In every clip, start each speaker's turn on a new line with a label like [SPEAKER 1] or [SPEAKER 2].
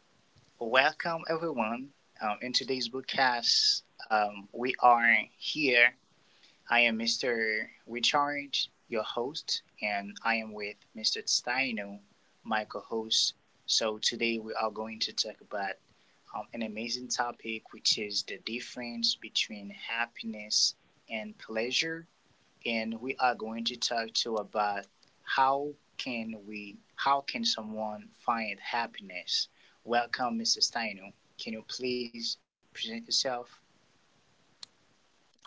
[SPEAKER 1] Well, welcome everyone. In today's broadcast, we are here. I am Mr. Richard, your host, and I am with Mr. Steino, my co-host. So today we are going to talk about an amazing topic, which is the difference between happiness and pleasure, and we are going to talk to about how can we how can someone find happiness. Welcome, Mr. Steinu, can you please present yourself?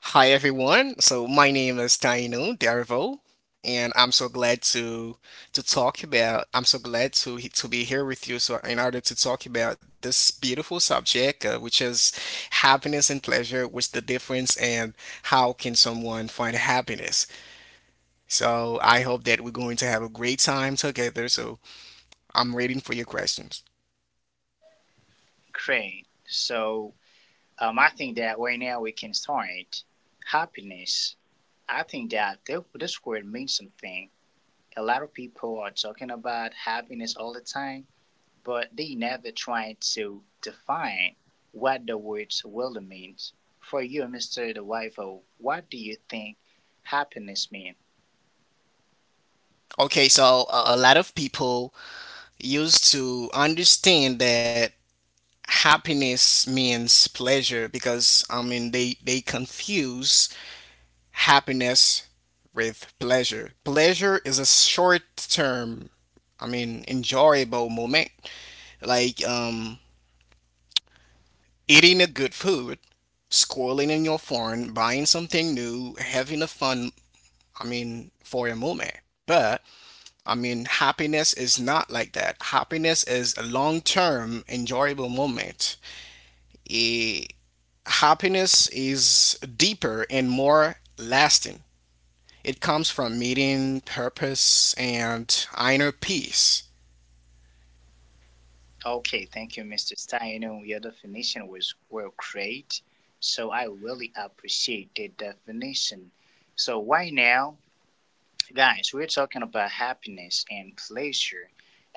[SPEAKER 2] Hi everyone. So my name is Taino Dervo, and I'm so glad to talk about. I'm so glad to to be here with you. So in order to talk about this beautiful subject, which is happiness and pleasure, what's the difference, and how can someone find happiness? So I hope that we're going to have a great time together. So I'm waiting for your questions.
[SPEAKER 1] Great. So I think that right now we can start. Happiness, I think that this word means something. A lot of people are talking about happiness all the time, but they never try to define what the word really means. For you, Mr. DeWivo, what do you think happiness means?
[SPEAKER 2] Okay, so a lot of people used to understand that happiness means pleasure because I mean they confuse happiness with pleasure. Pleasure is a short term, I mean enjoyable moment like eating a good food, scrolling in your phone, buying something new, having a fun, I mean for a moment. But I mean happiness is not like that. Happiness is a long term enjoyable moment. It Happiness is deeper and more lasting. It comes from meeting purpose and inner peace.
[SPEAKER 1] Okay, thank you, Mr. Stein. Your definition was well great, so I really appreciate the definition. So right now, guys, we're talking about happiness and pleasure.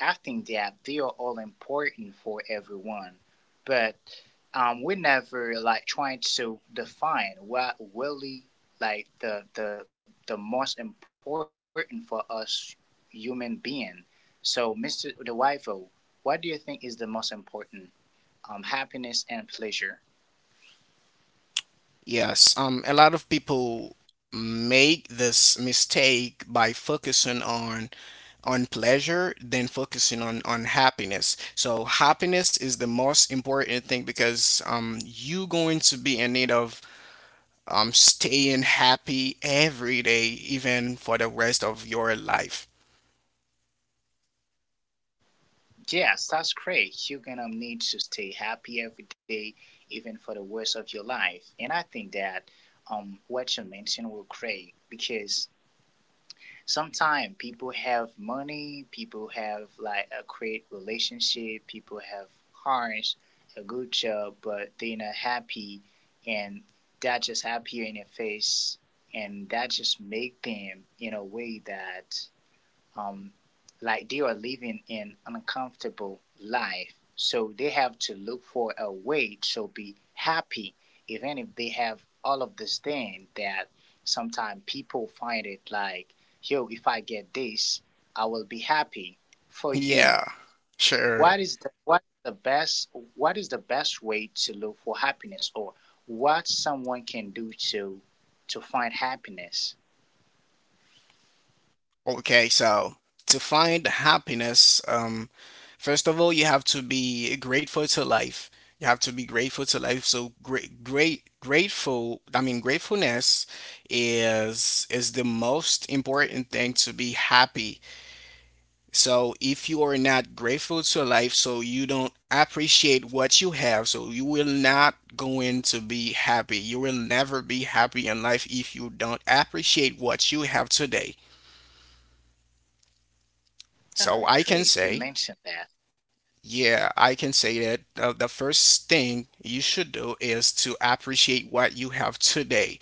[SPEAKER 1] I think that they are all important for everyone, but we never like trying to define what really, like, the most important for us human being. So, Mr. DeWivo, what do you think is the most important? Happiness and pleasure.
[SPEAKER 2] Yes, a lot of people make this mistake by focusing on pleasure than focusing on happiness. So happiness is the most important thing because you going to be in need of staying happy every day even for the rest of your life.
[SPEAKER 1] Yes, that's great. You're gonna need to stay happy every day, even for the worst of your life. And I think that what you mentioned will great, because sometimes people have money, people have like a great relationship, people have cars, a good job, but they're not happy, and that just appear in your face, and that just make them in a way that, um, like, they are living an uncomfortable life. So they have to look for a way to be happy, even if they have all of this thing that sometimes people find it like, yo, if I get this, I will be happy for you.
[SPEAKER 2] Yeah,
[SPEAKER 1] What
[SPEAKER 2] sure.
[SPEAKER 1] is the what is the best way to look for happiness, or what someone can do to find happiness?
[SPEAKER 2] Okay, so to find happiness, first of all, you have to be grateful to life. You have to be grateful to life. So grateful. I mean, gratefulness is the most important thing to be happy. So if you are not grateful to life, so you don't appreciate what you have, so you will not going to be happy. You will never be happy in life if you don't appreciate what you have today.
[SPEAKER 1] Oh, great. You
[SPEAKER 2] So I
[SPEAKER 1] mentioned
[SPEAKER 2] can
[SPEAKER 1] that.
[SPEAKER 2] say, yeah, I can say that the first thing you should do is to appreciate what you have today.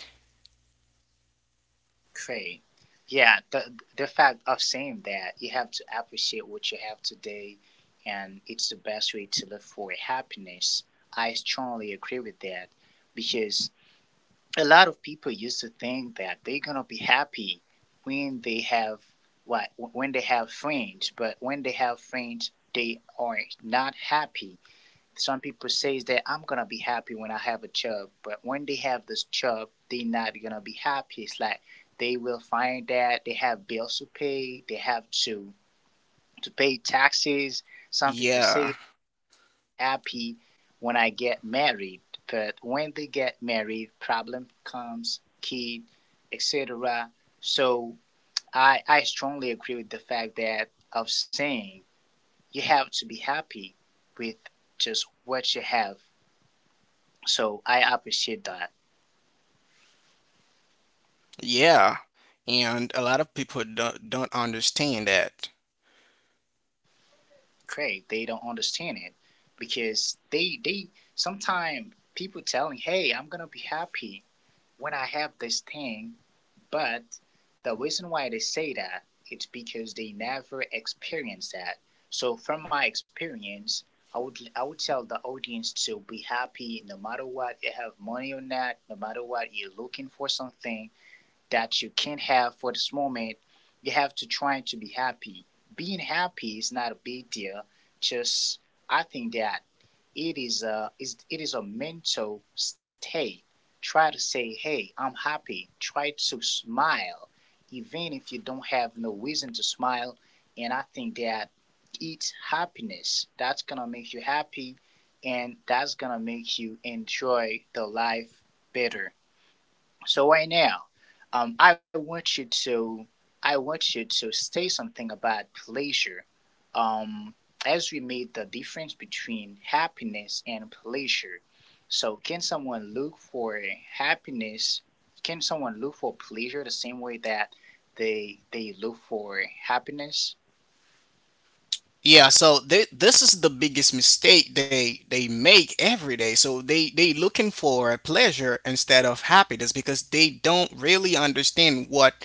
[SPEAKER 1] Great. Yeah, the fact of saying that you have to appreciate what you have today, and it's the best way to live for happiness. I strongly agree with that, because a lot of people used to think that they're gonna be happy when they have what when they have friends, but when they have friends, they are not happy. Some people says that I'm gonna be happy when I have a chub, but when they have this chub, they not gonna be happy. It's like they will find that they have bills to pay, they have to pay taxes. Some people say
[SPEAKER 2] Yeah,
[SPEAKER 1] happy when I get married, but when they get married, problem comes, kid, etc. So I strongly agree with the fact that of saying you have to be happy with just what you have. So I appreciate that.
[SPEAKER 2] yeah. And a lot of people don't understand that.
[SPEAKER 1] Craig, they don't understand it, because they sometimes people telling, "Hey, I'm gonna be happy when I have this thing," but the reason why they say that it's because they never experienced that. So from my experience, I would tell the audience to be happy no matter what you have money or not, no matter what you're looking for something that you can't have for this moment. You have to try to be happy. Being happy is not a big deal. Just I think that it is a is a mental state. Try to say, "Hey, I'm happy." Try to smile, even if you don't have no reason to smile. And I think that it's happiness that's gonna make you happy, and that's gonna make you enjoy the life better. So right now, I want you to say something about pleasure. Um, as we made the difference between happiness and pleasure. So can someone look for happiness? Can someone look for pleasure the same way that they look for happiness?
[SPEAKER 2] Yeah, so this is the biggest mistake they make every day. So they looking for pleasure instead of happiness because they don't really understand what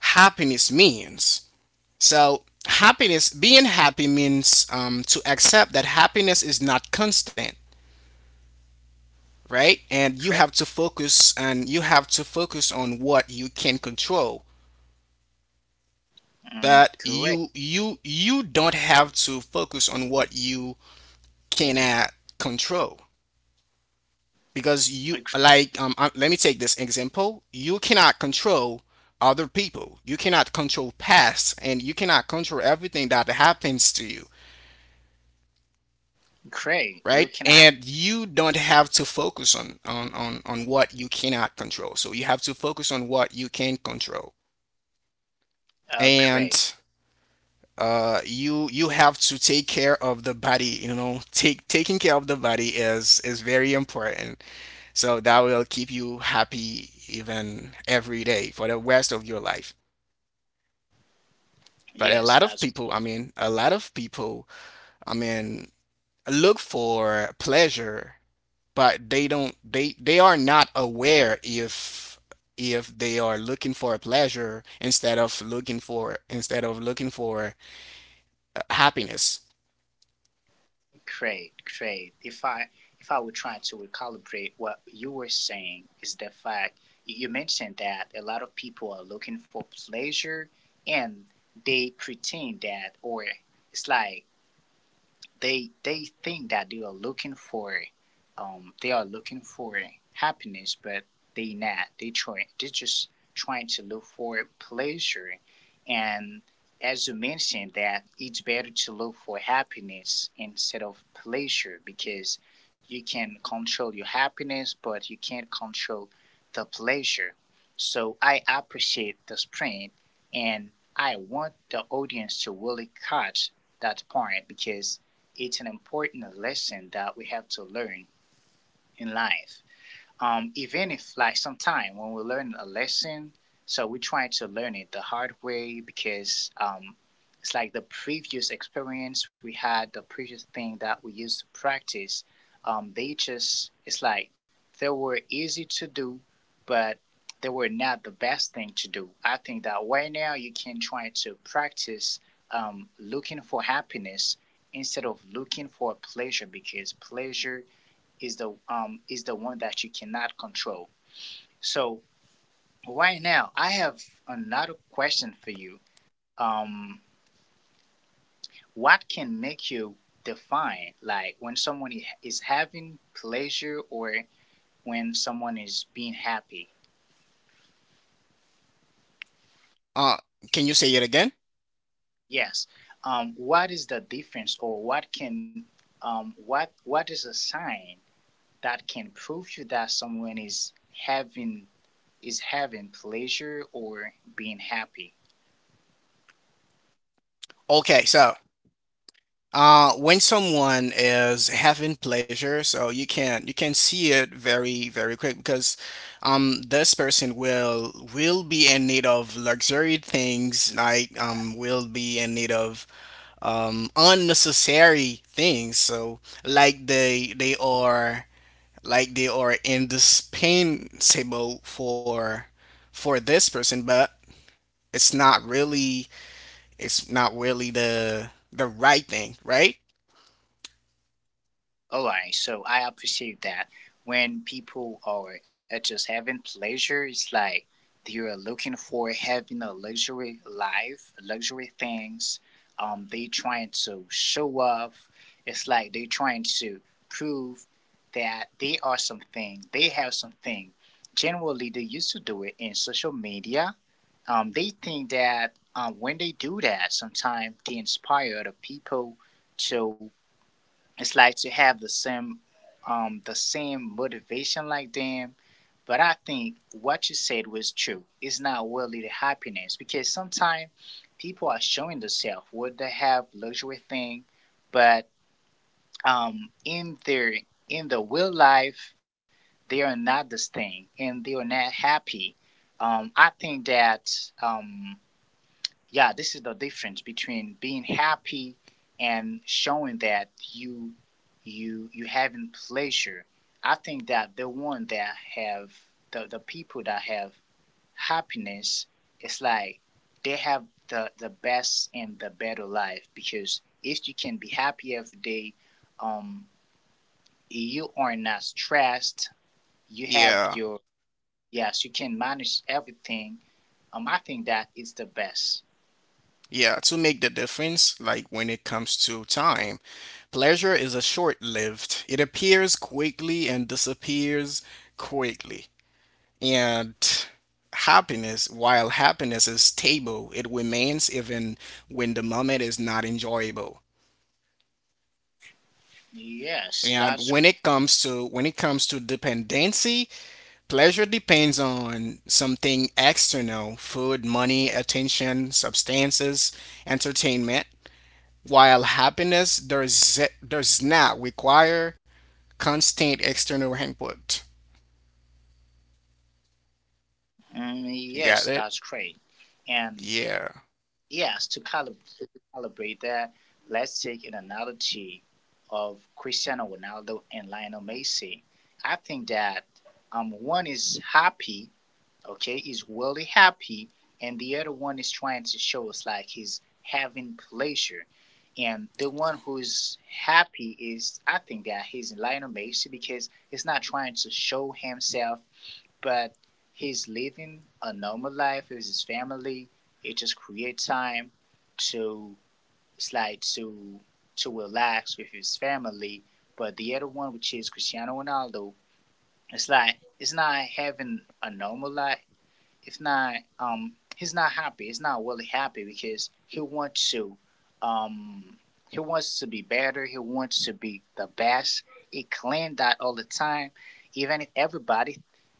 [SPEAKER 2] happiness means. So happiness, being happy means to accept that happiness is not constant, right? And
[SPEAKER 1] Great,
[SPEAKER 2] you have to focus and you have to focus on what you can control. But
[SPEAKER 1] great.
[SPEAKER 2] you don't have to focus on what you cannot control, because
[SPEAKER 1] Uh,
[SPEAKER 2] you like let me take this example. You cannot control other people, you cannot control past, and you cannot control everything that happens to you,
[SPEAKER 1] Craig. You
[SPEAKER 2] right?
[SPEAKER 1] cannot,
[SPEAKER 2] And you don't have to focus on what you cannot control, so you have to focus on what you can control.
[SPEAKER 1] Craig.
[SPEAKER 2] And you you have to take care of the body, you know, take taking care of the body is very important. So that will keep you happy even every day for the rest of your life. But a
[SPEAKER 1] Yes,
[SPEAKER 2] lot of
[SPEAKER 1] that's
[SPEAKER 2] people, I mean, a lot of people, I mean, look for pleasure, but they are not aware if they are looking for a pleasure instead of looking for, instead of looking for happiness.
[SPEAKER 1] great, great. If I were trying to recalibrate what you were saying is the fact you mentioned that a lot of people are looking for pleasure, and they pretend that, or it's like they think that they are looking for, they are looking for happiness, but they not they just trying to look for pleasure. And as you mentioned that, it's better to look for happiness instead of pleasure, because you can control your happiness, but you can't control the pleasure. So I appreciate the sprint, and I want the audience to really catch that point, because it's an important lesson that we have to learn in life. Even if like sometime when we learn a lesson, so we try to learn it the hard way, because it's like the previous experience we had, the previous thing that we used to practice, they just, it's like they were easy to do, but they were not the best thing to do. I think that right now you can try to practice looking for happiness instead of looking for pleasure, because pleasure is the one that you cannot control. So right now, I have another question for you. Um, what can make you define, like, when someone is having pleasure, or when someone is being happy?
[SPEAKER 2] Uh, can you say it again?
[SPEAKER 1] Yes. What is the difference, or what can, what is a sign that can prove you that someone is having pleasure or being happy?
[SPEAKER 2] Okay, so when someone is having pleasure, so you can see it very quick because this person will be in need of luxury things like will be in need of unnecessary things. So like they are like they are indispensable for this person, but it's not really it's not really the right thing, right?
[SPEAKER 1] All right, so I appreciate that. When people are just having pleasure, it's like they're looking for having a luxury life, luxury things. They trying to show off. It's like they trying to prove that they are something. They have something. Generally, they used to do it in social media. They think that when they do that, sometimes they inspire other people to, it's like, to have the same motivation like them. But I think what you said was true. It's not worldly happiness, because sometimes people are showing themselves what they have luxury thing, but in their in the real life, they are not this thing and they are not happy. I think that um yeah, this is the difference between being happy and showing that you having pleasure. I think that the one that have the people that have happiness, it's like they have the, best and the better life, because if you can be happy every day, um you are not stressed, you have
[SPEAKER 2] Yeah.
[SPEAKER 1] your yes, you can manage everything. I think that is the best.
[SPEAKER 2] Yeah, to make the difference, like when it comes to time, pleasure is a short-lived. It appears quickly and disappears quickly. And happiness, while happiness is stable, it remains even when the moment is not enjoyable. And
[SPEAKER 1] Yes,
[SPEAKER 2] when it
[SPEAKER 1] that's
[SPEAKER 2] comes to dependency, pleasure depends on something external, food, money, attention, substances, entertainment. While does not require constant external input.
[SPEAKER 1] mm, yes, that's
[SPEAKER 2] You
[SPEAKER 1] great.
[SPEAKER 2] got it?
[SPEAKER 1] And
[SPEAKER 2] Yeah.
[SPEAKER 1] yes, to calibrate that, let's take an analogy of Cristiano Ronaldo and Lionel Messi. I think that, one is happy, okay, is really happy, and the other one is trying to show us like he's having pleasure. And the one who's happy is, I think that he's Lionel Messi, because he's not trying to show himself, but he's living a normal life with his family. It just creates time to, it's like to relax with his family. But the other one, which is Cristiano Ronaldo, it's like it's not having a normal life. It's not he's not happy. He's not really happy because um he wants to be better. He wants to be the best. He claimed that all the time, even if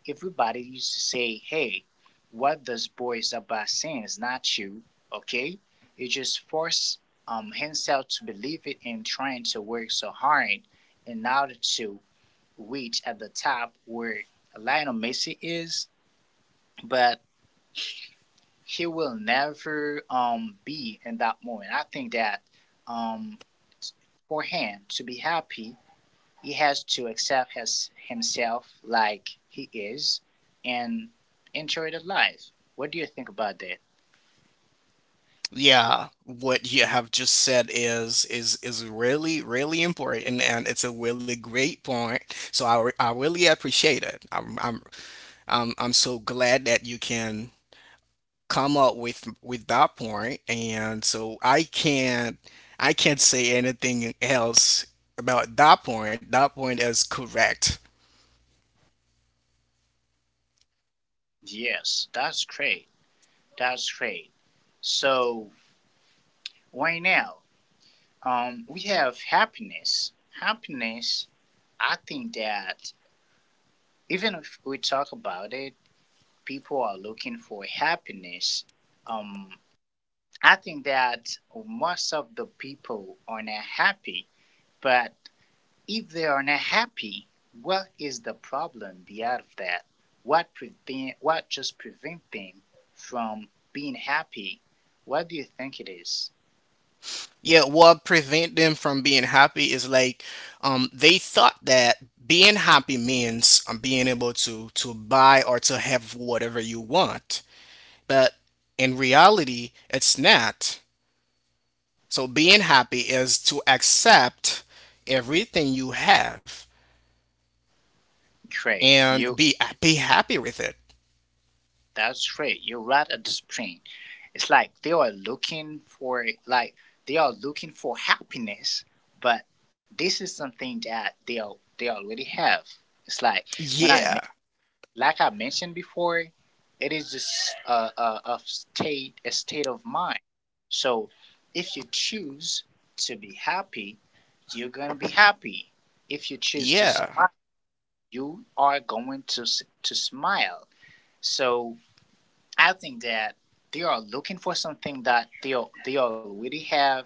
[SPEAKER 1] everybody used to say, "Hey, what this boy is about saying is not you." Okay, he just forced himself to believe it and trying to work so hard in order to reach at the top where Lionel Messi is, but he will never be in that moment. I think that um for him to be happy, he has to accept his himself like he is and enjoy the life. What do you think about that?
[SPEAKER 2] Yeah, what you have just said is really really important, and it's a really great point. So I really appreciate it. I'm so glad that you can come up with that point, and so I can't say anything else about that point. That point is correct.
[SPEAKER 1] Yes, that's great. That's great. So right now, we have happiness. Happiness, I think that even if we talk about it, people are looking for happiness. um I think that most of the people are not happy, but if they are not happy, what is the problem beyond that? What prevent, what just prevent them from being happy? What do you think it is?
[SPEAKER 2] Yeah, what prevent them from being happy is like they thought that being happy means being able to buy or to have whatever you want. But in reality, it's not. So being happy is to accept everything you have
[SPEAKER 1] Great, you
[SPEAKER 2] and be happy with it.
[SPEAKER 1] that's right. You're right at the spring. It's like they are looking for, like, they are looking for happiness, but this is something that they they already have. It's like when I,
[SPEAKER 2] Yeah.
[SPEAKER 1] like I mentioned before, it is just a, a state of mind. So if you choose to be happy, you're gonna be happy. If you choose to
[SPEAKER 2] Yeah.
[SPEAKER 1] smile, you are going to smile. So I think that they are looking for something that they they already have.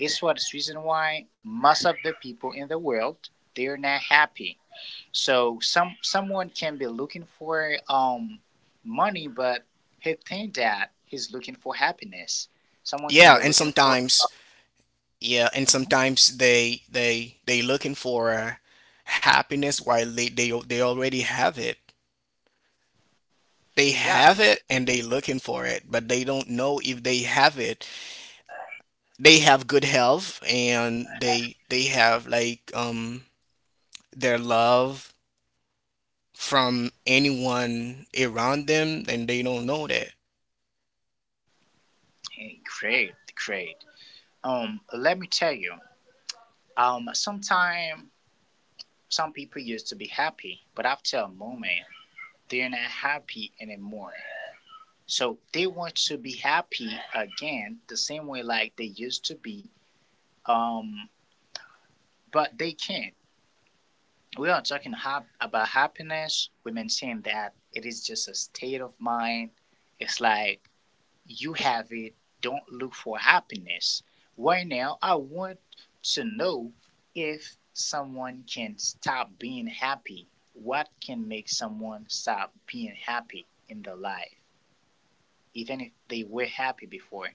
[SPEAKER 1] It's what's reason why most of the people in the world they're not happy, so someone can be looking for money, but he think that he's looking for happiness. Someone can
[SPEAKER 2] Yeah,
[SPEAKER 1] be
[SPEAKER 2] and
[SPEAKER 1] looking for.
[SPEAKER 2] sometimes yeah, and
[SPEAKER 1] Mhm.
[SPEAKER 2] sometimes they looking for happiness while they already have it. They
[SPEAKER 1] Yeah,
[SPEAKER 2] have
[SPEAKER 1] it's
[SPEAKER 2] it and they looking for it, but they don't know if they have it. They have good health, and they have like their love from anyone around them, and they don't know that.
[SPEAKER 1] eh, great, great. Let me tell you, sometime some people used to be happy, but after a moment, they're not happy anymore. So they want to be happy again, the same way like they used to be. Um, but they can't. We are talking about happiness, we mentioned that it is just a state of mind. It's like you have it, don't look for happiness. Right now, I want to know if someone can stop being happy. What can make someone stop being happy in their life, even if they were happy before?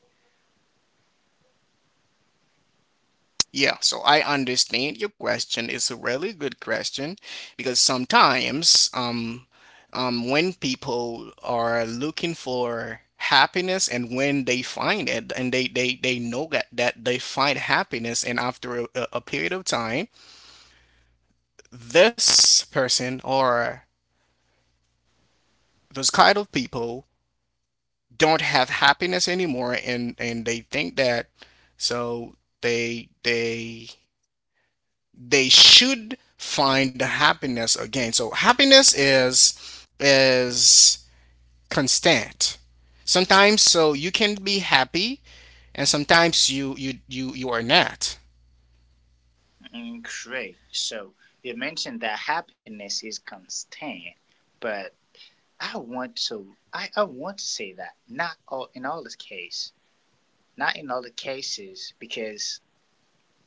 [SPEAKER 2] Yeah, so I understand your question. It's a really good question because sometimes when people are looking for happiness and when they find it and they know that they find happiness, and after a period of time, this person or those kind of people don't have happiness anymore, and they think that so they they they should find happiness again. So happiness is is constant. Sometimes so you can be happy, and sometimes you are not.
[SPEAKER 1] Mm, great. So, you mentioned that happiness is constant, but I want to say that not all in all the case, not in all the cases, because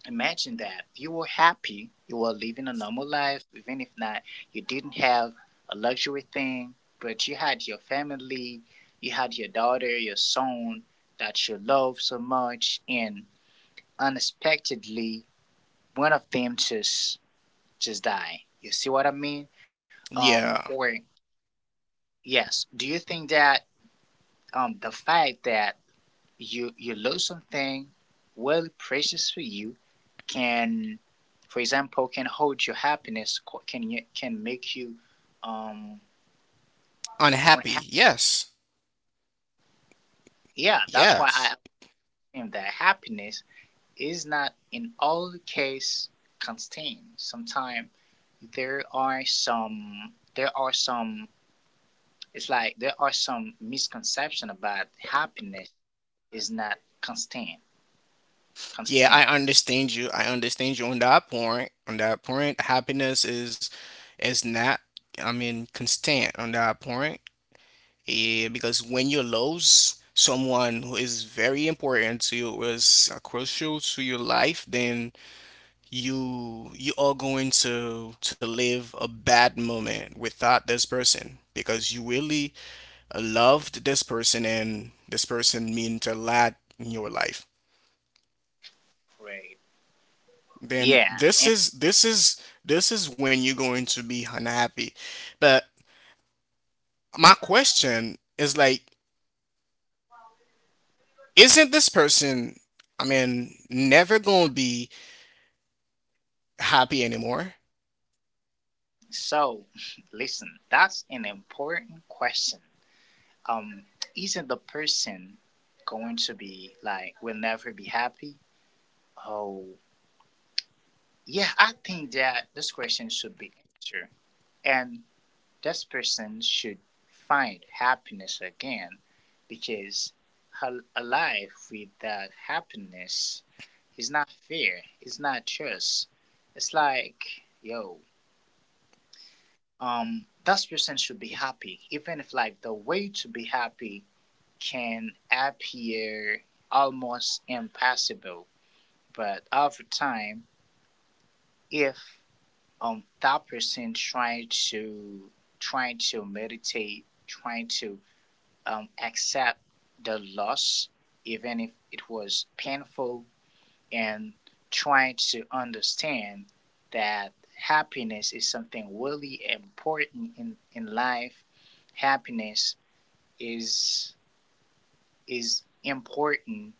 [SPEAKER 1] imagine that if you were happy, you were living a normal life, even if not, you didn't have a luxury thing, but you had your family, you had your daughter, your son that you love so much, and unexpectedly one of them just die. You see what I mean?
[SPEAKER 2] Yeah.
[SPEAKER 1] Or yes, do you think that the fact that you love something, worldly precious for you can, for example, can hold your happiness, can can make you um unha-
[SPEAKER 2] Unhappy. Yes.
[SPEAKER 1] yeah. That's why I
[SPEAKER 2] Yes.
[SPEAKER 1] think that happiness is not in all the case contained. Sometimes there are some it's like there are some misconception about happiness is not constant
[SPEAKER 2] Yeah,
[SPEAKER 1] constant
[SPEAKER 2] I understand you. I understand you on that point. On that point, happiness is not, I mean, constant on that point. Eh, because when you lose someone who is very important to you, was crucial to your life, then you are going to live a bad moment without this person because you really loved this person, and this person meant a lot in your life.
[SPEAKER 1] right yeah.
[SPEAKER 2] Then this is when you're going to be unhappy. But my question is like, isn't this person, I mean, never gonna be happy anymore.
[SPEAKER 1] So, listen, that's an important question. Um, isn't the person going to be like, will never be happy? Oh, yeah, I think that this question should be answered. And this person should find happiness again because her, a life without happiness is not fair, it's not just. It's like, yo, that person should be happy, even if like the way to be happy can appear almost impossible. But over time, if that person trying to trying to meditate, trying to accept the loss, even if it was painful, and trying to understand that happiness is something really important in life. Happiness is is important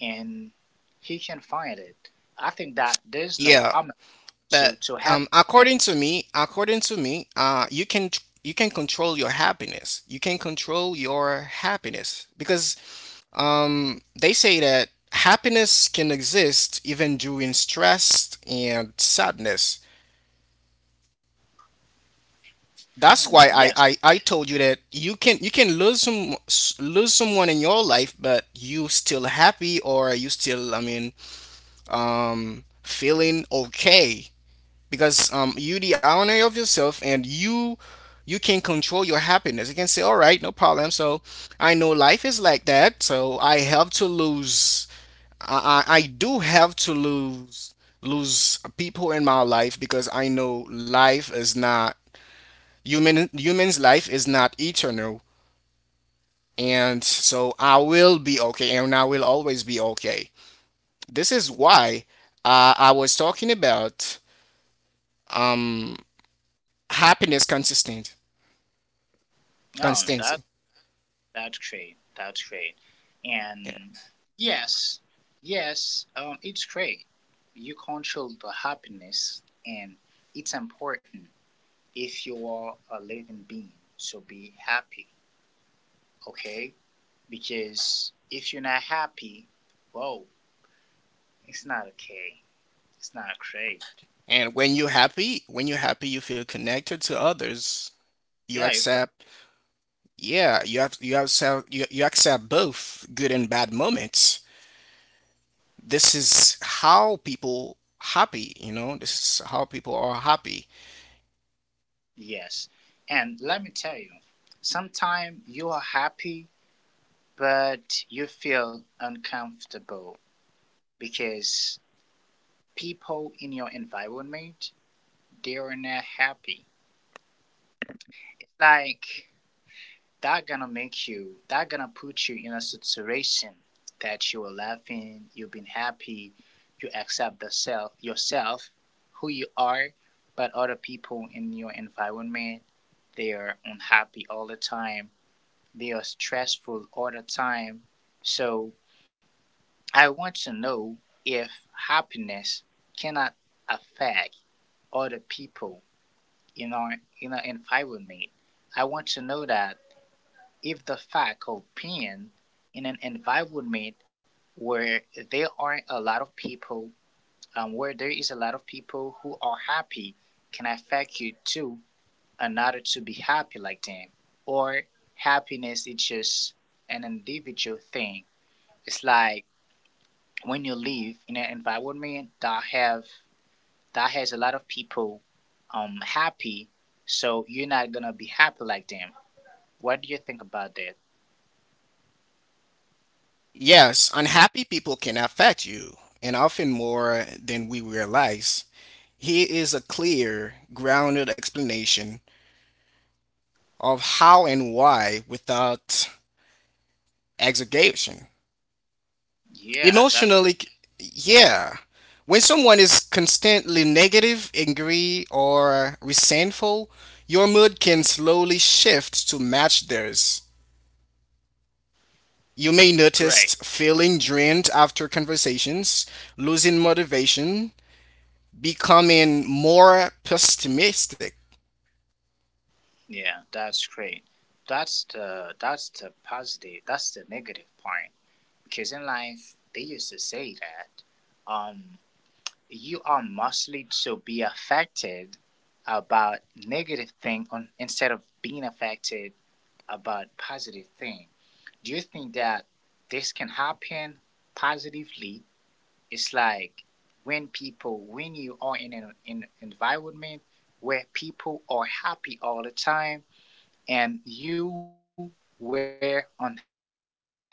[SPEAKER 1] and he can find it. I think that there's no
[SPEAKER 2] Yeah,
[SPEAKER 1] problem
[SPEAKER 2] but
[SPEAKER 1] to have.
[SPEAKER 2] according to me, you can you can control your happiness. You can control your happiness because they say that happiness can exist even during stress and sadness. That's
[SPEAKER 1] Mm,
[SPEAKER 2] why
[SPEAKER 1] yes,
[SPEAKER 2] I told you that you can lose lose someone in your life, but you still happy or you still, I mean, feeling okay because you the owner of yourself, and you can control your happiness. You can say, all right, no problem. So I know life is like that, so I have to lose, I do have to lose people in my life because I know life is not, human's life is not eternal, and so I will be okay, and I will always be okay. This is why I was talking about um happiness consistent,
[SPEAKER 1] no, that
[SPEAKER 2] consistency.
[SPEAKER 1] that's great. That's great.
[SPEAKER 2] Yeah.
[SPEAKER 1] And yes, yes, it's great. You control the happiness, and it's important if you are a living being. So be happy, okay? Because if you're not happy, whoa, it's not okay. It's not great.
[SPEAKER 2] And when you're happy, you feel connected to others. You
[SPEAKER 1] Yeah, you feel.
[SPEAKER 2] accept, yeah, you have so, you accept both good and bad moments. This is how people happy, you know, this is how people are happy.
[SPEAKER 1] Yes. And let me tell you, sometimes you are happy, but you feel uncomfortable because people in your environment they are not happy. Like that gonna make you, that gonna put you in a situation that you are laughing, you've been happy, you accept the self yourself, who you are, but other people in your environment, they are unhappy all the time. They are stressful all the time. So I want to know if happiness cannot affect other people in our environment. I want to know that if the fact of being in an environment where there are a lot of people, where there is a lot of people who are happy, can affect you too in order to be happy like them. Or happiness is just an individual thing. It's like when you live in an environment that have that has a lot of people happy, so you're not gonna be happy like them. What do you think about that?
[SPEAKER 2] Yes, unhappy people can affect you, and often more than we realize. Here is a clear, grounded explanation of how and why without exaggeration.
[SPEAKER 1] Yeah, that's
[SPEAKER 2] Emotionally, yeah. When someone is constantly negative, angry, or resentful, your mood can slowly shift to match theirs. You may
[SPEAKER 1] great.
[SPEAKER 2] notice feeling drained after conversations, losing motivation, becoming more pessimistic.
[SPEAKER 1] Yeah, that's great. That's the positive. That's the negative part. Because in life, they used to say that um you are mostly to be affected about negative thing on instead of being affected about positive thing. Do you think that this can happen positively? It's like when people when you are in an environment where people are happy all the time and you were unhappy before.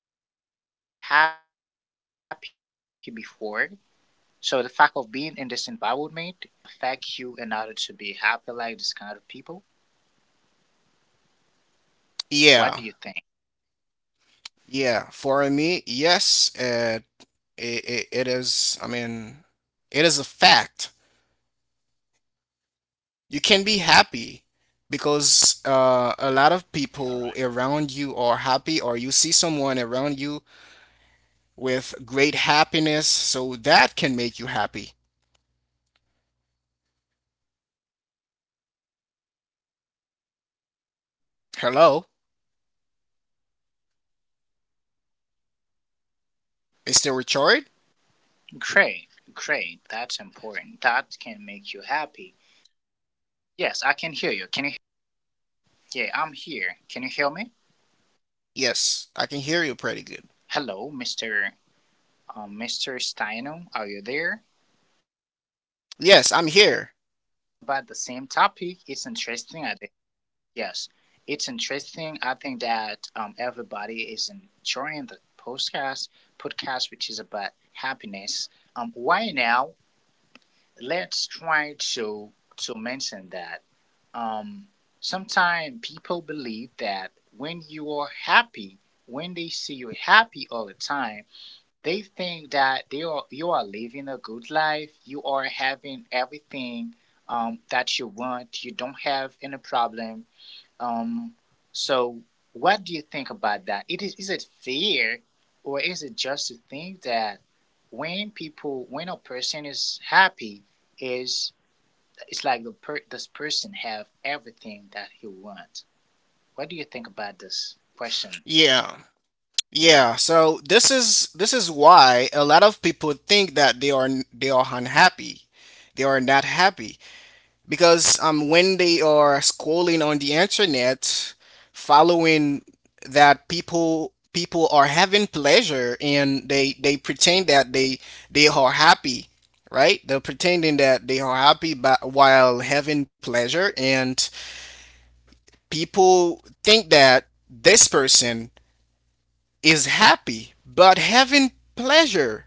[SPEAKER 1] So the fact of being in this environment um can that affect you in order to be happy like this kind of people?
[SPEAKER 2] Yeah, yeah. For me,
[SPEAKER 1] What
[SPEAKER 2] yes,
[SPEAKER 1] do you think?
[SPEAKER 2] it, it is, I mean, it is a fact. You can be happy because a lot of people around you are happy, or you see someone around you
[SPEAKER 1] All right.
[SPEAKER 2] with great happiness, so that can make you happy. Hello, Mr. Richard?
[SPEAKER 1] Great, great. That's important. That can make you happy. Yes, I can hear you. Can you hear me right now? Hello. Yeah, I'm
[SPEAKER 2] Yes,
[SPEAKER 1] here.
[SPEAKER 2] I can
[SPEAKER 1] Can you
[SPEAKER 2] hear
[SPEAKER 1] hear
[SPEAKER 2] you
[SPEAKER 1] me?
[SPEAKER 2] pretty good.
[SPEAKER 1] Hello, Mr. Steino. Are you there?
[SPEAKER 2] Yes, I'm here.
[SPEAKER 1] Great. Okay. Let's keep talking about the same topic. It's interesting. I think. Yes, it's interesting. I think that everybody is enjoying the podcast, podcast which is about happiness. Why now? Let's try to mention that. Um, sometimes people believe that when you are happy, when they see you happy all the time, they think that they are you are living a good life. You are having everything that you want. You don't have any problem. Um, so, what do you think about that? It is it fair, or is it just to think that when people when a person is happy, is it's like the per, this person have everything that he wants. What do you think about this question?
[SPEAKER 2] Yeah. Yeah, so this is why a lot of people think that they are unhappy. They are not happy because when they are scrolling on the internet, following that people are having pleasure, and they pretend that they are happy, right? They're pretending that they are happy but while having pleasure, and people think that this person is happy but having pleasure,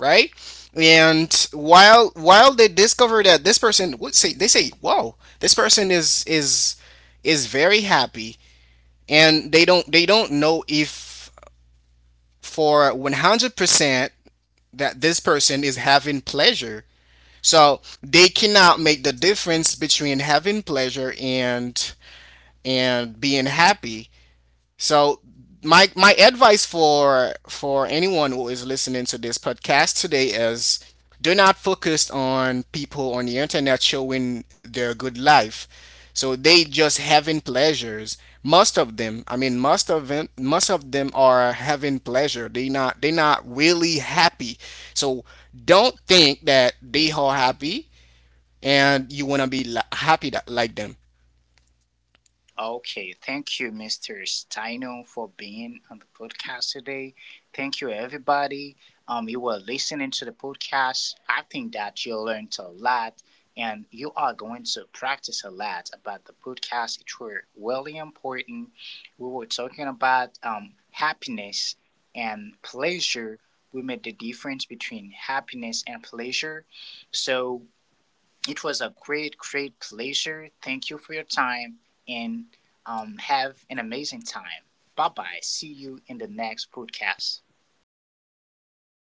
[SPEAKER 2] right? And while they discover that this person would say, they say, "Whoa, this person is very happy," and they don't know if for 100% that this person is having pleasure. So they cannot make the difference between having pleasure and being happy. So my advice for anyone who is listening to this podcast today is, do not focus on people on the internet showing their good life. So they just having pleasures. Most of them, I mean, most of them are having pleasure. They not really happy. So don't think that they are happy and you want to be happy that, like them.
[SPEAKER 1] Okay, thank you, Mr. Steino, for being on the podcast today. Thank you, everybody. You were listening to the podcast. I think that you learned a lot, and you are going to practice a lot about the podcast. It were really important. We were talking about happiness and pleasure. We made the difference between happiness and pleasure. So it was a great, great pleasure. Thank you for your time and have an amazing time. Bye bye. See you in the next podcast.
[SPEAKER 2] Bye. Thank you. Thank